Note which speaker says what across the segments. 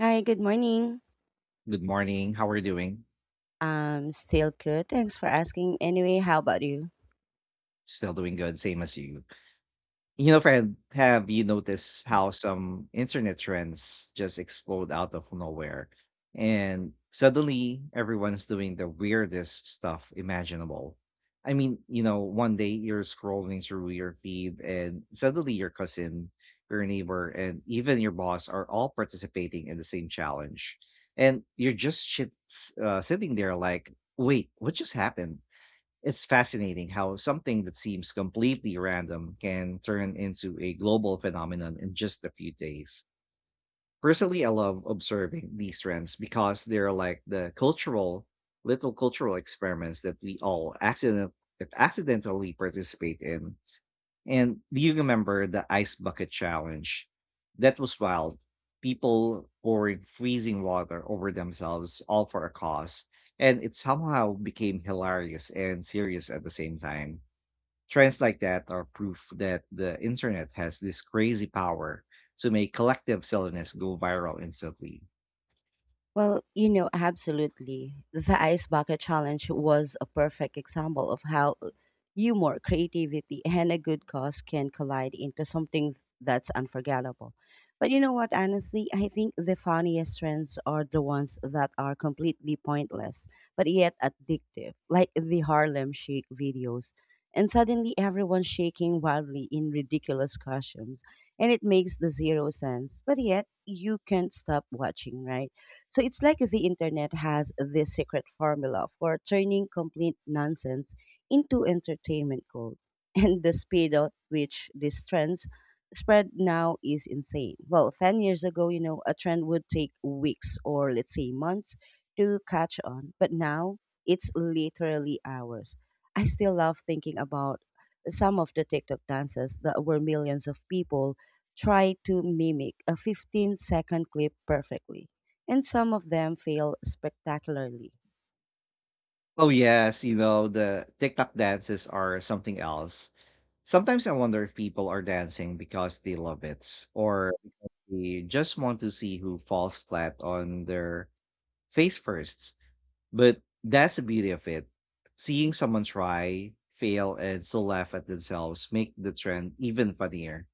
Speaker 1: Hi, good morning.
Speaker 2: Good morning. How are you doing?
Speaker 1: Still good. Thanks for asking. Anyway, how about you?
Speaker 2: Still doing good, same as you. You know, friend, have you noticed how some internet trends just explode out of nowhere? And suddenly everyone's doing the weirdest stuff imaginable. I mean, you know, one day you're scrolling through your feed and suddenly your cousin, your neighbor, and even your boss are all participating in the same challenge. And you're just sitting there like, wait, what just happened? It's fascinating how something that seems completely random can turn into a global phenomenon in just a few days. Personally, I love observing these trends because they're like the little cultural experiments that we all accidentally participate in. And do you remember the ice bucket challenge? That was wild. People pouring freezing water over themselves, all for a cause. And it somehow became hilarious and serious at the same time. Trends like that are proof that the internet has this crazy power to make collective silliness go viral instantly.
Speaker 1: Well, you know, absolutely. The ice bucket challenge was a perfect example of how humor, creativity, and a good cause can collide into something that's unforgettable. But you know what, honestly, I think the funniest trends are the ones that are completely pointless, but yet addictive, like the Harlem Shake videos. And suddenly everyone's shaking wildly in ridiculous costumes, and it makes the zero sense, but yet you can't stop watching, right? So it's like the internet has this secret formula for turning complete nonsense into entertainment gold. And the speed at which these trends spread now is insane. Well, 10 years ago, you know, a trend would take weeks or let's say months to catch on, but now it's literally hours. I still love thinking about some of the TikTok dances that were millions of people try to mimic a 15-second clip perfectly and some of them fail spectacularly.
Speaker 2: Oh, yes, you know, the TikTok dances are something else. Sometimes I wonder if people are dancing because they love it, or they just want to see who falls flat on their face first. But that's the beauty of it. Seeing someone try, fail, and still laugh at themselves make the trend even funnier.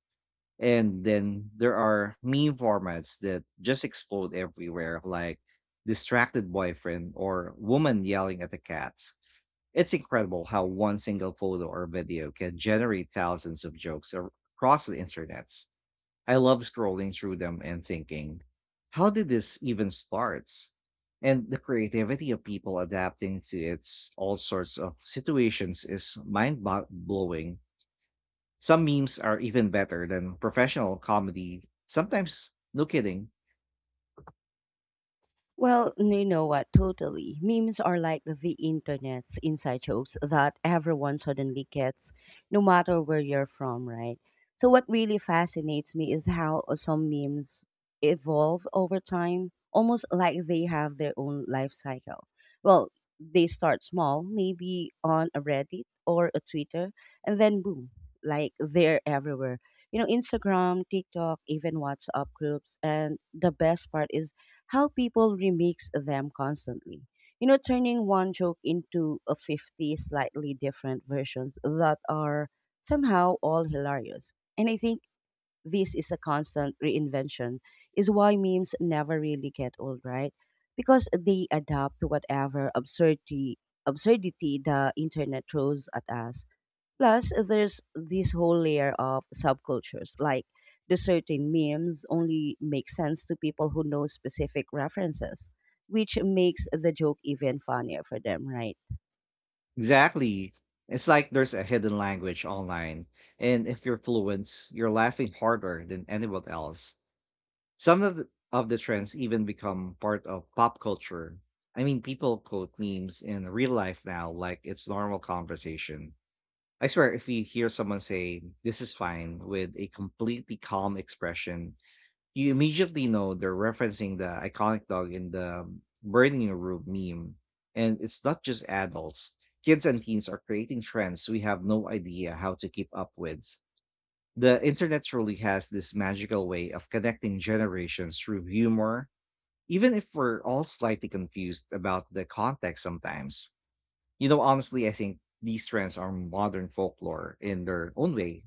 Speaker 2: And then there are meme formats that just explode everywhere, like distracted boyfriend or woman yelling at the cat. It's incredible how one single photo or video can generate thousands of jokes across the internet. I love scrolling through them and thinking, how did this even start? And the creativity of people adapting to its all sorts of situations is mind blowing. Some memes are even better than professional comedy. Sometimes, no kidding.
Speaker 1: Well, you know what? Totally. Memes are like the internet's inside jokes that everyone suddenly gets, no matter where you're from, right? So, what really fascinates me is how some memes evolve over time, almost like they have their own life cycle. Well, they start small, maybe on a Reddit or a Twitter, and then boom, like they're everywhere. You know, Instagram, TikTok, even WhatsApp groups. And the best part is, how people remix them constantly. You know, turning one joke into a 50 slightly different versions that are somehow all hilarious. And I think this is a constant reinvention, is why memes never really get old, right? Because they adapt to whatever absurdity the internet throws at us. Plus, there's this whole layer of subcultures, like the certain memes only make sense to people who know specific references, which makes the joke even funnier for them, right?
Speaker 2: Exactly. It's like there's a hidden language online. And if you're fluent, you're laughing harder than anyone else. Some of the trends even become part of pop culture. I mean, people quote memes in real life now like it's normal conversation. I swear, if you hear someone say, "This is fine," with a completely calm expression, you immediately know they're referencing the iconic dog in the burning room meme. And it's not just adults, kids and teens are creating trends we have no idea how to keep up with. The internet truly has this magical way of connecting generations through humor, even if we're all slightly confused about the context sometimes. You know, honestly, I think these trends are modern folklore in their own way.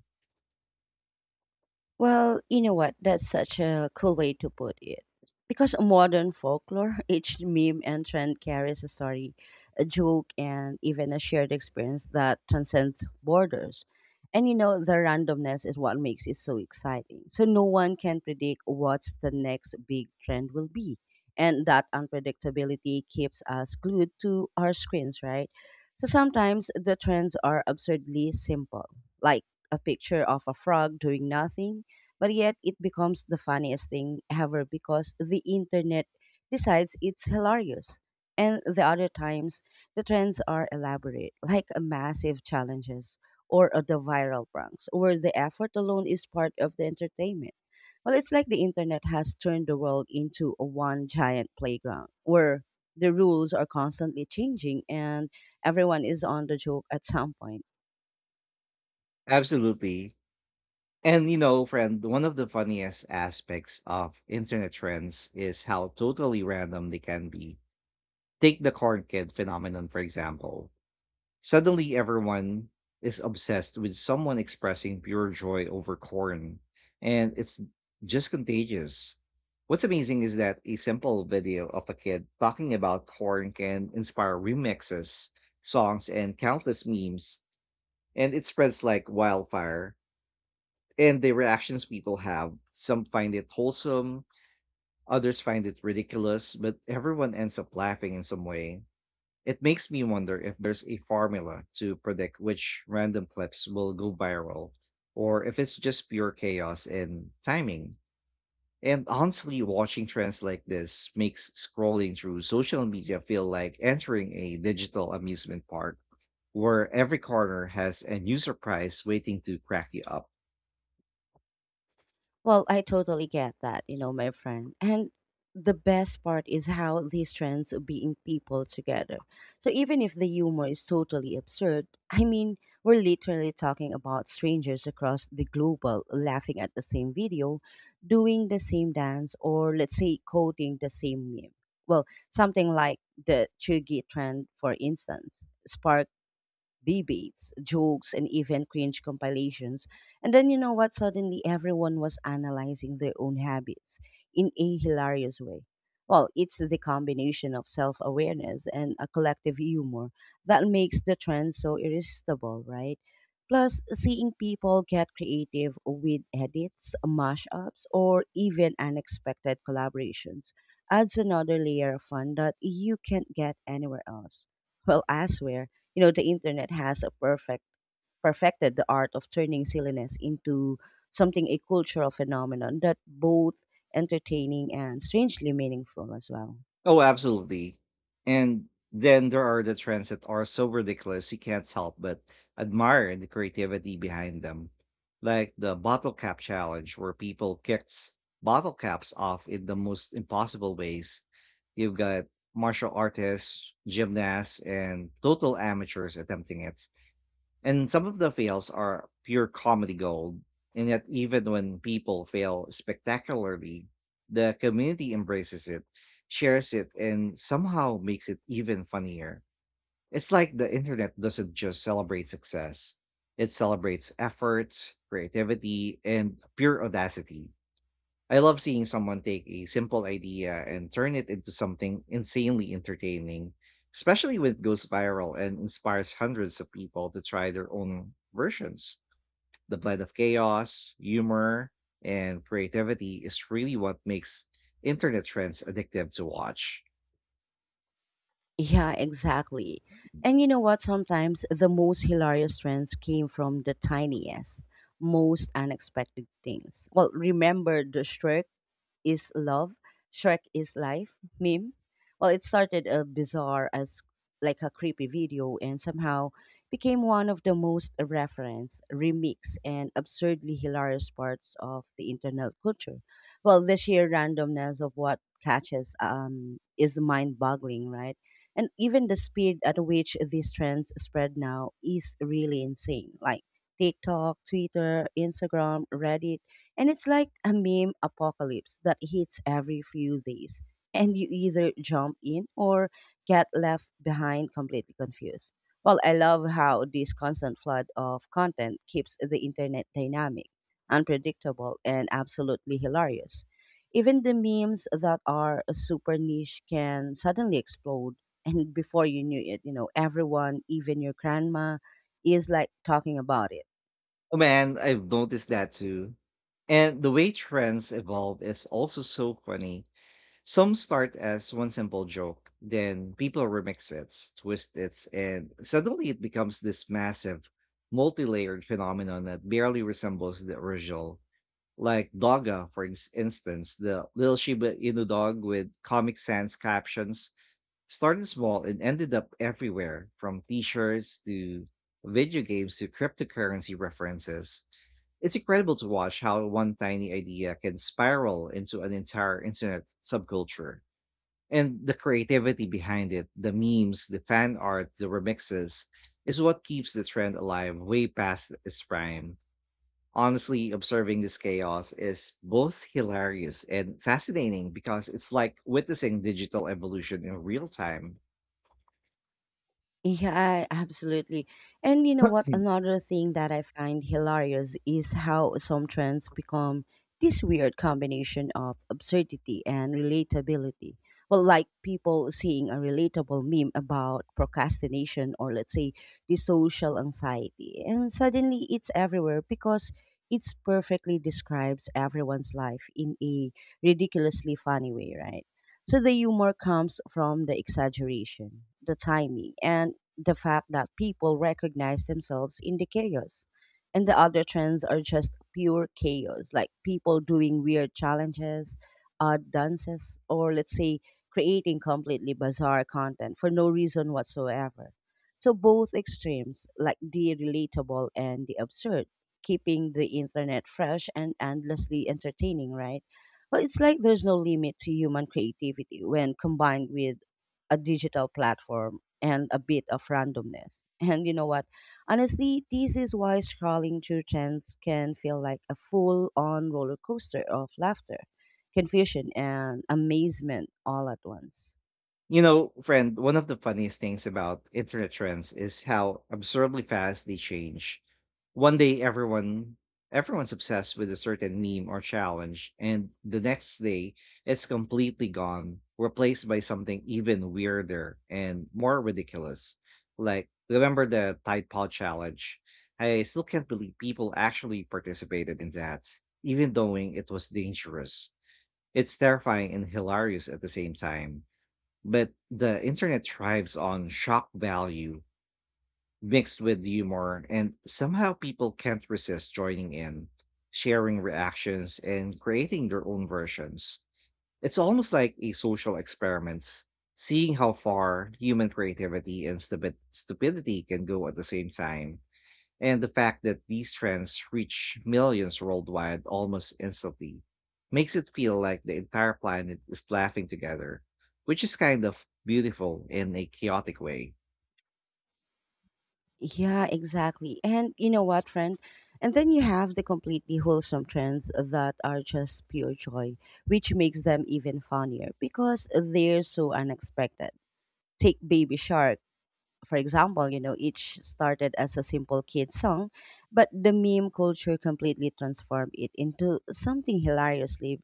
Speaker 1: Well, you know what? That's such a cool way to put it. Because modern folklore, each meme and trend carries a story, a joke, and even a shared experience that transcends borders. And you know, the randomness is what makes it so exciting. So no one can predict what's the next big trend will be. And that unpredictability keeps us glued to our screens, right? So sometimes the trends are absurdly simple, like a picture of a frog doing nothing but yet it becomes the funniest thing ever because the internet decides it's hilarious. And the other times, the trends are elaborate, like a massive challenges or the viral pranks, where the effort alone is part of the entertainment. Well, it's like the internet has turned the world into a one giant playground where the rules are constantly changing and everyone is on the joke at some point.
Speaker 2: Absolutely. And you know, friend, one of the funniest aspects of internet trends is how totally random they can be. Take the corn kid phenomenon, for example. Suddenly everyone is obsessed with someone expressing pure joy over corn, and it's just contagious. What's amazing is that a simple video of a kid talking about corn can inspire remixes, songs, and countless memes, and it spreads like wildfire. And the reactions people have, some find it wholesome, others find it ridiculous, but everyone ends up laughing in some way. It makes me wonder if there's a formula to predict which random clips will go viral, or if it's just pure chaos and timing. And honestly, watching trends like this makes scrolling through social media feel like entering a digital amusement park where every corner has a new surprise waiting to crack you up.
Speaker 1: Well, I totally get that, you know, my friend. And the best part is how these trends being people together. So even if the humor is totally absurd, I mean, we're literally talking about strangers across the global laughing at the same video, doing the same dance, or let's say coding the same meme. Well, something like the Chugi trend, for instance, sparked debates, jokes, and even cringe compilations. And then you know what? Suddenly everyone was analyzing their own habits in a hilarious way. Well, it's the combination of self awareness and a collective humor that makes the trend so irresistible, right? Plus, seeing people get creative with edits, mashups, or even unexpected collaborations adds another layer of fun that you can't get anywhere else. Well, I swear, you know, the internet has a perfected the art of turning silliness into something a cultural phenomenon that both entertaining and strangely meaningful as well.
Speaker 2: Oh, absolutely. And then there are the trends that are so ridiculous you can't help but admire the creativity behind them. Like the bottle cap challenge, where people kicks bottle caps off in the most impossible ways. You've got martial artists, gymnasts, and total amateurs attempting it. And some of the fails are pure comedy gold, and yet even when people fail spectacularly, the community embraces it, shares it, and somehow makes it even funnier. It's like the internet doesn't just celebrate success, it celebrates effort, creativity, and pure audacity. I love seeing someone take a simple idea and turn it into something insanely entertaining, especially when it goes viral and inspires hundreds of people to try their own versions. The blend of chaos, humor, and creativity is really what makes internet trends addictive to watch.
Speaker 1: Yeah, exactly. And you know what? Sometimes the most hilarious trends came from the tiniest, most unexpected things. Well, remember the Shrek is love, Shrek is life meme. Well, it started a bizarre as like a creepy video and somehow became one of the most referenced, remixed, and absurdly hilarious parts of the internet culture. Well, the sheer randomness of what catches is mind boggling, right? And even the speed at which these trends spread now is really insane. Like TikTok, Twitter, Instagram, Reddit, and it's like a meme apocalypse that hits every few days. And you either jump in or get left behind completely confused. Well, I love how this constant flood of content keeps the internet dynamic, unpredictable, and absolutely hilarious. Even the memes that are super niche can suddenly explode. And before you knew it, you know, everyone, even your grandma, is like talking about it.
Speaker 2: Oh man, I've noticed that too. And the way trends evolve is also so funny. Some start as one simple joke, then people remix it, twist it, and suddenly it becomes this massive, multi layered phenomenon that barely resembles the original. Like Dogga, for instance, the little Shiba Inu dog with Comic Sans captions started small and ended up everywhere from t shirts to video games to cryptocurrency references. It's incredible to watch how one tiny idea can spiral into an entire internet subculture. And the creativity behind it, the memes, the fan art, the remixes, is what keeps the trend alive way past its prime. Honestly, observing this chaos is both hilarious and fascinating because it's like witnessing digital evolution in real time.
Speaker 1: Yeah, absolutely. And you know what? Another thing that I find hilarious is how some trends become this weird combination of absurdity and relatability. Well, like people seeing a relatable meme about procrastination or, let's say, the social anxiety. And suddenly it's everywhere because it's perfectly describes everyone's life in a ridiculously funny way, right? So the humor comes from the exaggeration, the timing, and the fact that people recognize themselves in the chaos. And the other trends are just pure chaos, like people doing weird challenges, odd dances, or let's say creating completely bizarre content for no reason whatsoever. So both extremes, like the relatable and the absurd, keeping the internet fresh and endlessly entertaining, right? Well, it's like there's no limit to human creativity when combined with a digital platform and a bit of randomness. And you know what? Honestly, this is why scrolling through trends can feel like a full on roller coaster of laughter, confusion, and amazement all at once.
Speaker 2: You know, friend, one of the funniest things about internet trends is how absurdly fast they change. One day everyone's obsessed with a certain meme or challenge, and the next day it's completely gone, replaced by something even weirder and more ridiculous. Like, remember the Tide Pod challenge? I still can't believe people actually participated in that, even knowing it was dangerous. It's terrifying and hilarious at the same time. But the internet thrives on shock value mixed with humor, and somehow people can't resist joining in, sharing reactions, and creating their own versions. It's almost like a social experiment, seeing how far human creativity and stupidity can go at the same time. And the fact that these trends reach millions worldwide almost instantly makes it feel like the entire planet is laughing together, which is kind of beautiful in a chaotic way.
Speaker 1: Yeah, exactly. And you know what, friend? And then you have the completely wholesome trends that are just pure joy, which makes them even funnier because they're so unexpected. Take Baby Shark for example, you know, each started as a simple kid song, but the meme culture completely transformed it into something hilariously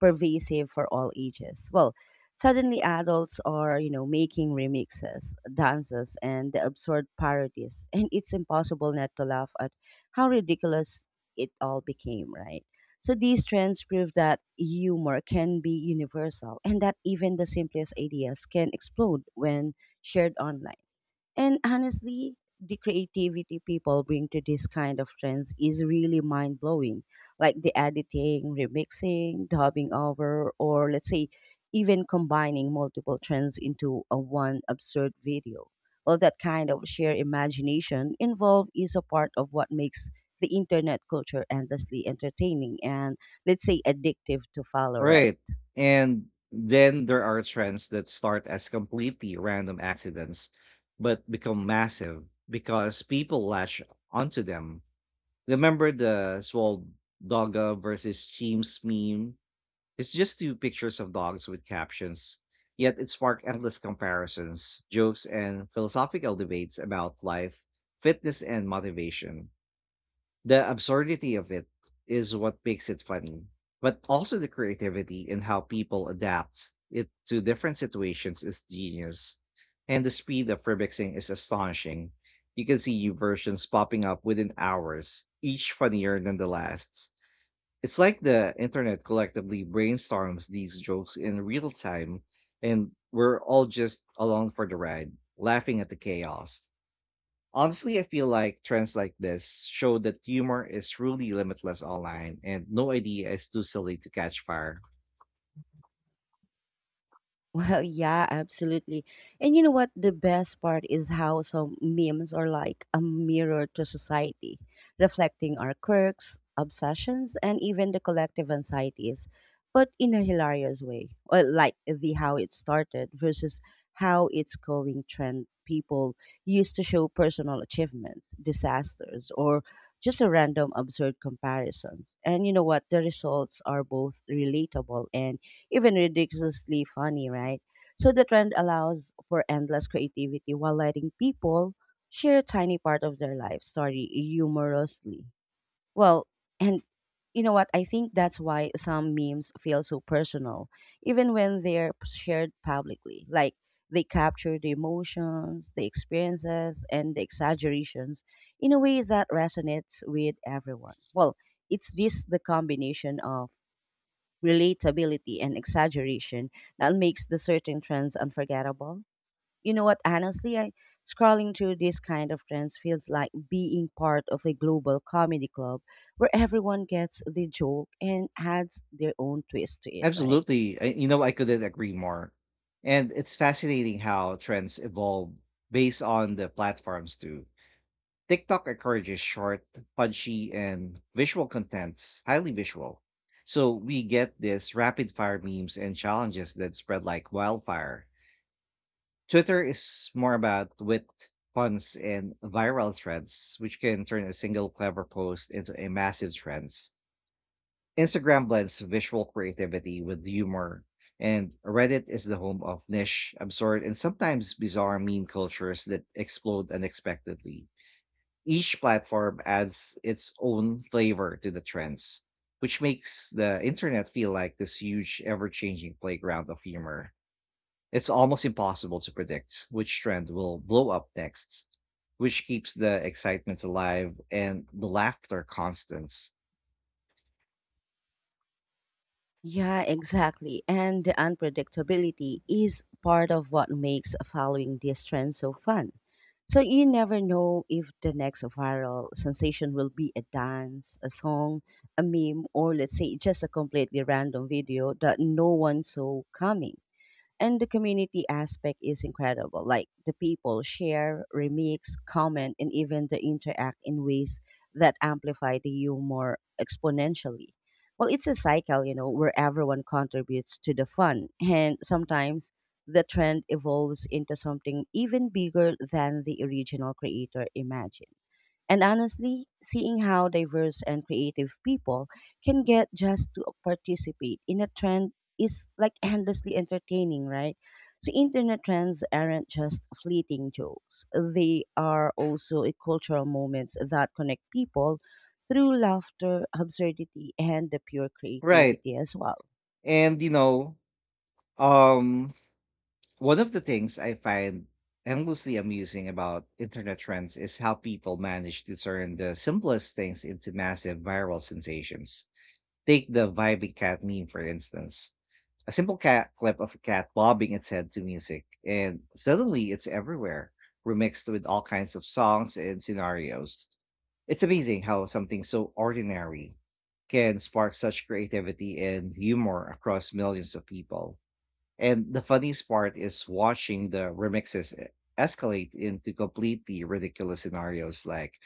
Speaker 1: pervasive for all ages. Well, suddenly adults are, you know, making remixes, dances, and the absurd parodies, and it's impossible not to laugh at how ridiculous it all became, right? So these trends prove that humor can be universal and that even the simplest ideas can explode when shared online. And honestly, the creativity people bring to this kind of trends is really mind blowing. Like the editing, remixing, dubbing over, or let's say even combining multiple trends into a one absurd video. Well, that kind of sheer imagination involved is a part of what makes the internet culture endlessly entertaining and let's say addictive to follow, right?
Speaker 2: Right. And then there are trends that start as completely random accidents, but become massive because people lash onto them. Remember the Swole Dogga versus Cheems meme? It's just two pictures of dogs with captions, yet it sparked endless comparisons, jokes, and philosophical debates about life, fitness, and motivation. The absurdity of it is what makes it funny, but also the creativity in how people adapt it to different situations is genius. And the speed of remixing is astonishing. You can see new versions popping up within hours, each funnier than the last. It's like the internet collectively brainstorms these jokes in real time, and we're all just along for the ride, laughing at the chaos. Honestly, I feel like trends like this show that humor is truly limitless online and no idea is too silly to catch fire.
Speaker 1: Well, yeah, absolutely. And you know what? The best part is how some memes are like a mirror to society, reflecting our quirks, obsessions, and even the collective anxieties, but in a hilarious way. Or like the how it started versus how it's going trend people used to show personal achievements, disasters, or just a random absurd comparisons. And you know what? The results are both relatable and even ridiculously funny, right? So the trend allows for endless creativity while letting people share a tiny part of their life story humorously. Well, and you know what? I think that's why some memes feel so personal, even when they're shared publicly. Like they capture the emotions, the experiences, and the exaggerations in a way that resonates with everyone. Well, it's this the combination of relatability and exaggeration that makes the certain trends unforgettable. You know what? Honestly, I scrolling through this kind of trends feels like being part of a global comedy club where everyone gets the joke and adds their own twist to it, right?
Speaker 2: Absolutely. I couldn't agree more. And it's fascinating how trends evolve based on the platforms too. TikTok encourages short, punchy, and visual content, highly visual. So we get this rapid fire memes and challenges that spread like wildfire. Twitter is more about wit, puns, and viral threads, which can turn a single clever post into a massive trend. Instagram blends visual creativity with humor, and Reddit is the home of niche, absurd, and sometimes bizarre meme cultures that explode unexpectedly. Each platform adds its own flavor to the trends, which makes the internet feel like this huge, ever changing playground of humor. It's almost impossible to predict which trend will blow up next, which keeps the excitement alive and the laughter constant.
Speaker 1: Yeah, exactly. And the unpredictability is part of what makes following this trend so fun. So you never know if the next viral sensation will be a dance, a song, a meme, or let's say just a completely random video that no one saw coming and the community aspect is incredible. Like the people share, remix, comment, and even the interact in ways that amplify the humor exponentially. Well, it's a cycle, you know, where everyone contributes to the fun, and sometimes the trend evolves into something even bigger than the original creator imagined. And honestly, seeing how diverse and creative people can get just to participate in a trend is like endlessly entertaining, right? So internet trends aren't just fleeting jokes. They are also a cultural moments that connect people through laughter, absurdity, and the pure
Speaker 2: Right.
Speaker 1: creativity as well.
Speaker 2: And you know, um one of the things I find endlessly amusing about internet trends is how people manage to turn the simplest things into massive viral sensations. Take the vibing cat meme for instance. A simple cat clip of a cat bobbing its head to music, and suddenly it's everywhere, remixed with all kinds of songs and scenarios. It's amazing how something so ordinary can spark such creativity and humor across millions of people. And the funniest part is watching the remixes escalate into completely ridiculous scenarios like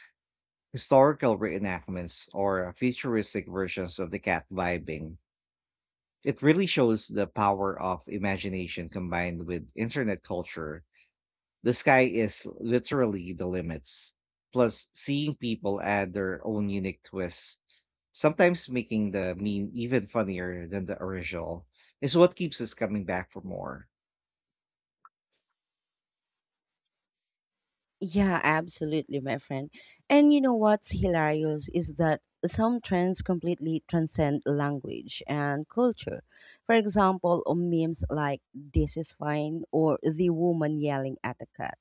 Speaker 2: historical reenactments or futuristic versions of the cat vibing. It really shows the power of imagination combined with internet culture. The sky is literally the limits. Plus, seeing people add their own unique twists, sometimes making the meme even funnier than the original, is what keeps us coming back for more.
Speaker 1: Yeah, absolutely, my friend. And you know what's hilarious is that some trends completely transcend language and culture. For example, memes like this is fine or the woman yelling at a cat.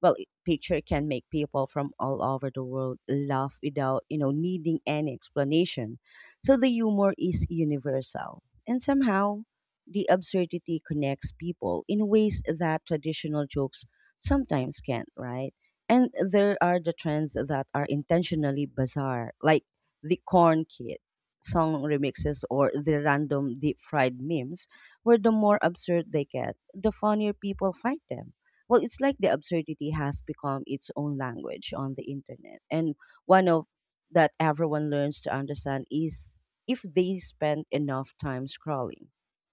Speaker 1: Well, I- picture can make people from all over the world laugh without, you know, needing any explanation. So the humor is universal. And somehow the absurdity connects people in ways that traditional jokes sometimes can't, right? And there are the trends that are intentionally bizarre, like the corn kid song remixes or the random deep fried memes, where the more absurd they get, the funnier people find them. Well, it's like the absurdity has become its own language on the internet. And one of that everyone learns to understand is if they spend enough time scrolling.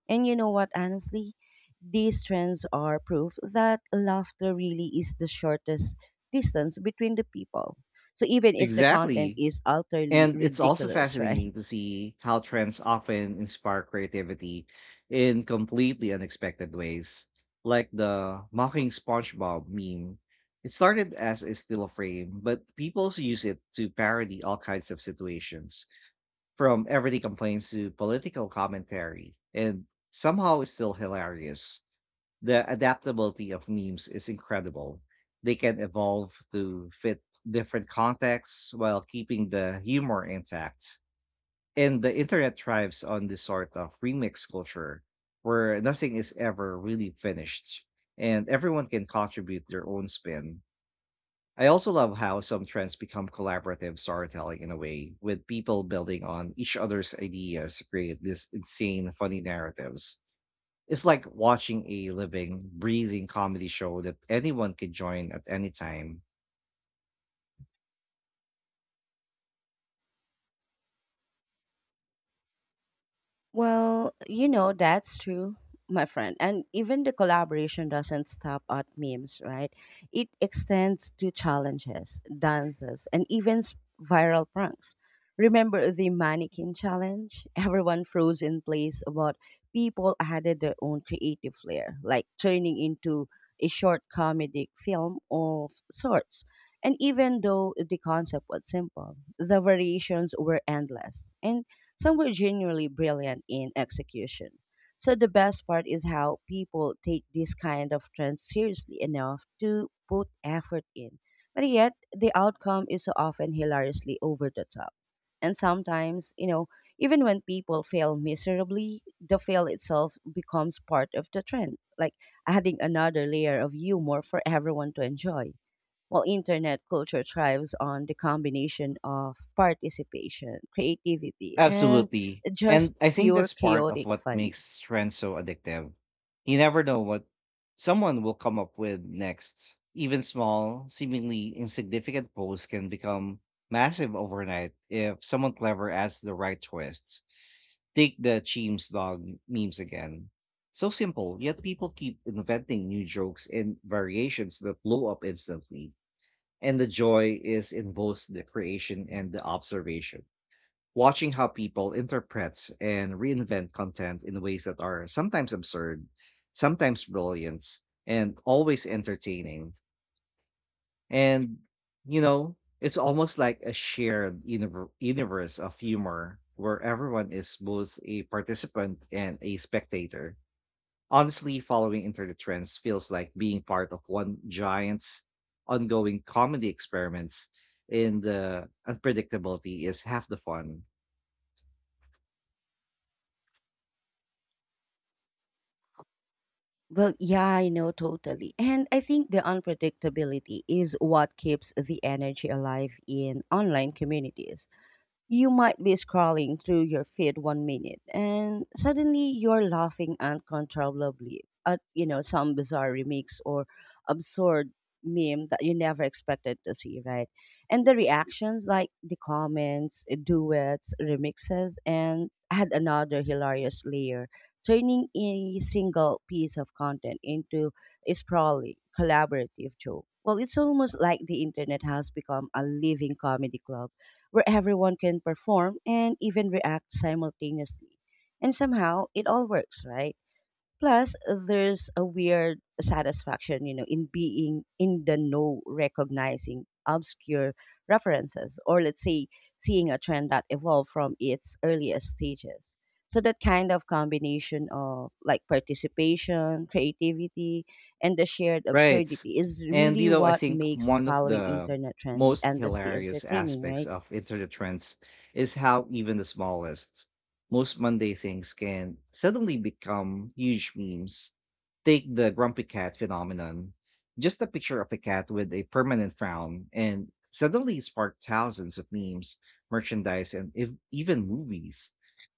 Speaker 1: And you know what, honestly, these trends are proof that laughter really is the shortest distance between the people. So even if the content
Speaker 2: Exactly.
Speaker 1: is utterly
Speaker 2: And it's also
Speaker 1: ridiculous, right?
Speaker 2: fascinating to see how trends often inspire creativity in completely unexpected ways, like the mocking SpongeBob meme. It started as a still frame, but people use it to parody all kinds of situations, from everyday complaints to political commentary, and somehow it's still hilarious. The adaptability of memes is incredible. They can evolve to fit different contexts while keeping the humor intact. And the internet thrives on this sort of remix culture where nothing is ever really finished and everyone can contribute their own spin. I also love how some trends become collaborative storytelling in a way, with people building on each other's ideas to create these insane, funny narratives. It's like watching a living, breathing comedy show that anyone could join at any time.
Speaker 1: Well, you know, that's true, my friend. And even the collaboration doesn't stop at memes, right? It extends to challenges, dances, and even viral pranks. Remember the mannequin challenge? Everyone froze in place, but people added their own creative flair, like turning into a short comedic film of sorts. And even though the concept was simple, the variations were endless. And some were genuinely brilliant in execution. So the best part is how people take this kind of trend seriously enough to put effort in. But yet, the outcome is so often hilariously over the top. And sometimes, you know, even when people fail miserably, the fail itself becomes part of the trend, like adding another layer of humor for everyone to enjoy while internet culture thrives on the combination of participation, creativity, and
Speaker 2: Absolutely.
Speaker 1: just
Speaker 2: And I think
Speaker 1: pure
Speaker 2: that's part of
Speaker 1: chaotic
Speaker 2: what
Speaker 1: fun.
Speaker 2: makes trends so addictive. You never know what someone will come up with next. Even small, seemingly insignificant posts can become massive overnight if someone clever adds the right twists. Take the Cheems dog memes again. So simple, yet people keep inventing new jokes and variations that blow up instantly. And the joy is in both the creation and the observation. Watching how people interprets and reinvent content in ways that are sometimes absurd, sometimes brilliant, and always entertaining. And you know, it's almost like a shared universe of humor where everyone is both a participant and a spectator. Honestly, following internet trends feels like being part of one giant's ongoing comedy experiments, and the unpredictability is half the fun.
Speaker 1: Well, yeah, I know totally. And I think the unpredictability is what keeps the energy alive in online communities. You might be scrolling through your feed 1 minute and suddenly you're laughing uncontrollably at, you know, some bizarre remix or absurd meme that you never expected to see, right? And the reactions like the comments, duets, remixes and add another hilarious layer, turning a single piece of content into a sprawling, collaborative joke. Well, it's almost like the internet has become a living comedy club where everyone can perform and even react simultaneously. And somehow it all works, right? Plus, there's a weird satisfaction, you know, in being in the know, recognizing obscure references, or let's say seeing a trend that evolved from its earliest stages. So that kind of combination of like participation, creativity, and the shared
Speaker 2: Right.
Speaker 1: absurdity is
Speaker 2: And
Speaker 1: really
Speaker 2: you know, I
Speaker 1: what
Speaker 2: think
Speaker 1: makes
Speaker 2: one of
Speaker 1: following
Speaker 2: the
Speaker 1: internet trends
Speaker 2: most
Speaker 1: endlessly
Speaker 2: hilarious
Speaker 1: entertaining,
Speaker 2: aspects
Speaker 1: right?
Speaker 2: of internet trends is how even the smallest, most Monday things can suddenly become huge memes. Take the grumpy cat phenomenon. Just a picture of a cat with a permanent frown, and suddenly it sparked thousands of memes, merchandise, and if, even movies.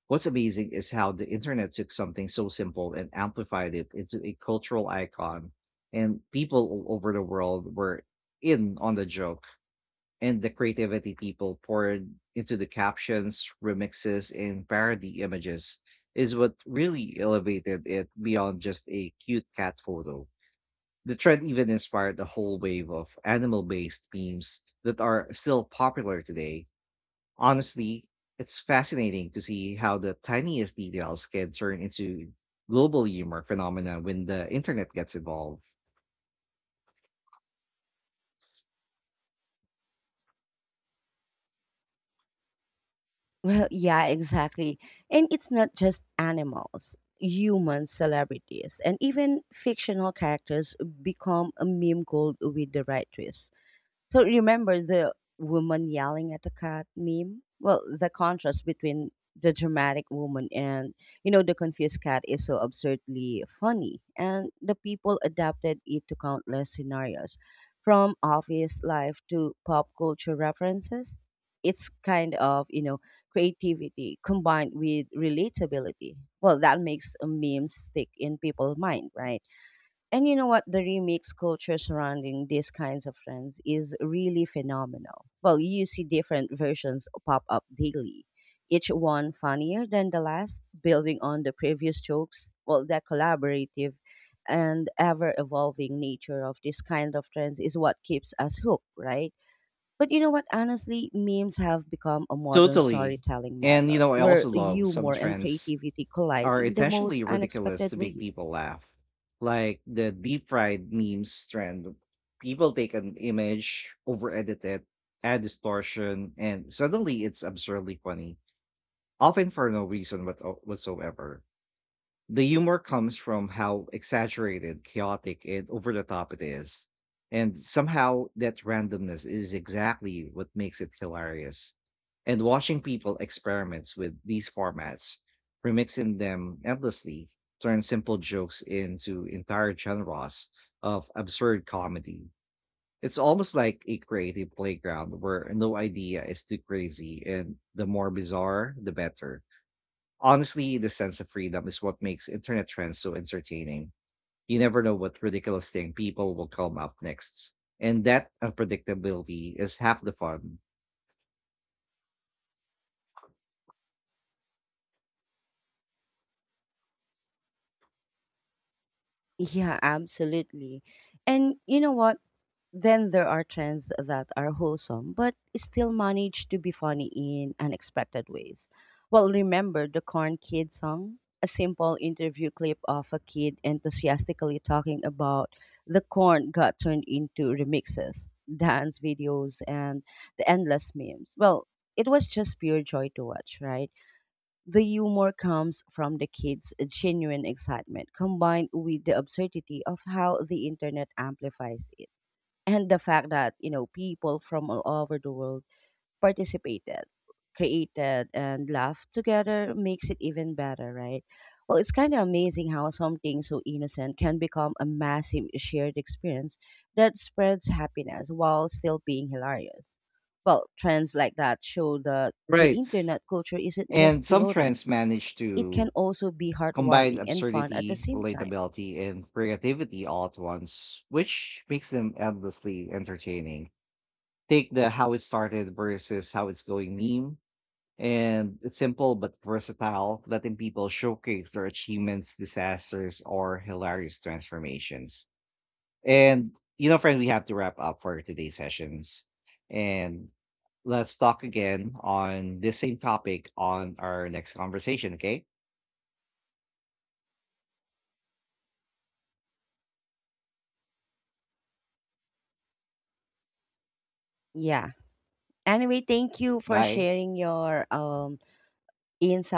Speaker 2: What's amazing is how the internet took something so simple and amplified it into a cultural icon, and people all over the world were in on the joke. And the creativity people poured into the captions, remixes, and parody images is what really elevated it beyond just a cute cat photo. The trend even inspired a whole wave of animal-based memes that are still popular today. Honestly, it's fascinating to see how the tiniest details can turn into global humor phenomena when the internet gets involved.
Speaker 1: Well, yeah, exactly. And it's not just animals. Human celebrities and even fictional characters become a meme gold with the right twist. So remember the woman yelling at the cat meme? Well, the contrast between the dramatic woman and, you know, the confused cat is so absurdly funny, and the people adapted it to countless scenarios from office life to pop culture references. It's kind of, you know, creativity combined with relatability. Well, that makes a meme stick in people's mind, right? And you know what? The remix culture surrounding these kinds of trends is really phenomenal. Well, you see different versions pop up daily, each one funnier than the last, building on the previous jokes. Well, that collaborative and ever evolving nature of this kind of trends is what keeps us hooked, right? But you know what? Honestly, memes have become a modern
Speaker 2: Totally.
Speaker 1: storytelling
Speaker 2: And you
Speaker 1: method
Speaker 2: know, I
Speaker 1: where
Speaker 2: also love some
Speaker 1: humor and
Speaker 2: trends
Speaker 1: creativity collide
Speaker 2: are
Speaker 1: in the most
Speaker 2: intentionally ridiculous
Speaker 1: unexpected
Speaker 2: to make people
Speaker 1: ways.
Speaker 2: laugh. Like the deep fried memes trend. People take an image, over edit it, add distortion, and suddenly it's absurdly funny, often for no reason whatsoever. The humor comes from how exaggerated, chaotic, and over the top it is. And somehow that randomness is exactly what makes it hilarious. And watching people experiments with these formats, remixing them endlessly, turns simple jokes into entire genres of absurd comedy. It's almost like a creative playground where no idea is too crazy and the more bizarre, the better. Honestly, the sense of freedom is what makes internet trends so entertaining. You never know what ridiculous thing people will come up next. And that unpredictability is half the fun.
Speaker 1: Yeah, absolutely. And you know what? Then there are trends that are wholesome, but still manage to be funny in unexpected ways. Well, remember the Corn Kid song? A simple interview clip of a kid enthusiastically talking about the corn got turned into remixes, dance videos, and the endless memes. Well, it was just pure joy to watch, right? The humor comes from the kids' genuine excitement combined with the absurdity of how the internet amplifies it. And the fact that, you know, people from all over the world participated, created, and laughed together makes it even better, right? Well, it's kind of amazing how something so innocent can become a massive shared experience that spreads happiness while still being hilarious. Well, trends like that show that the
Speaker 2: Right.
Speaker 1: internet culture isn't
Speaker 2: And
Speaker 1: just
Speaker 2: some
Speaker 1: chaotic,
Speaker 2: trends manage
Speaker 1: it can
Speaker 2: to
Speaker 1: also be
Speaker 2: combine
Speaker 1: heartwarming and fun at the
Speaker 2: absurdity,
Speaker 1: same time.
Speaker 2: relatability, and creativity all at once, which makes them endlessly entertaining. Take the how it started versus how it's going meme. And it's simple but versatile, letting people showcase their achievements, disasters, or hilarious transformations. And, you know, friend, we have to wrap up for today's sessions. And let's talk again on this same topic on our next conversation, okay?
Speaker 1: Yeah. Anyway, thank you for
Speaker 2: Bye.
Speaker 1: sharing your insights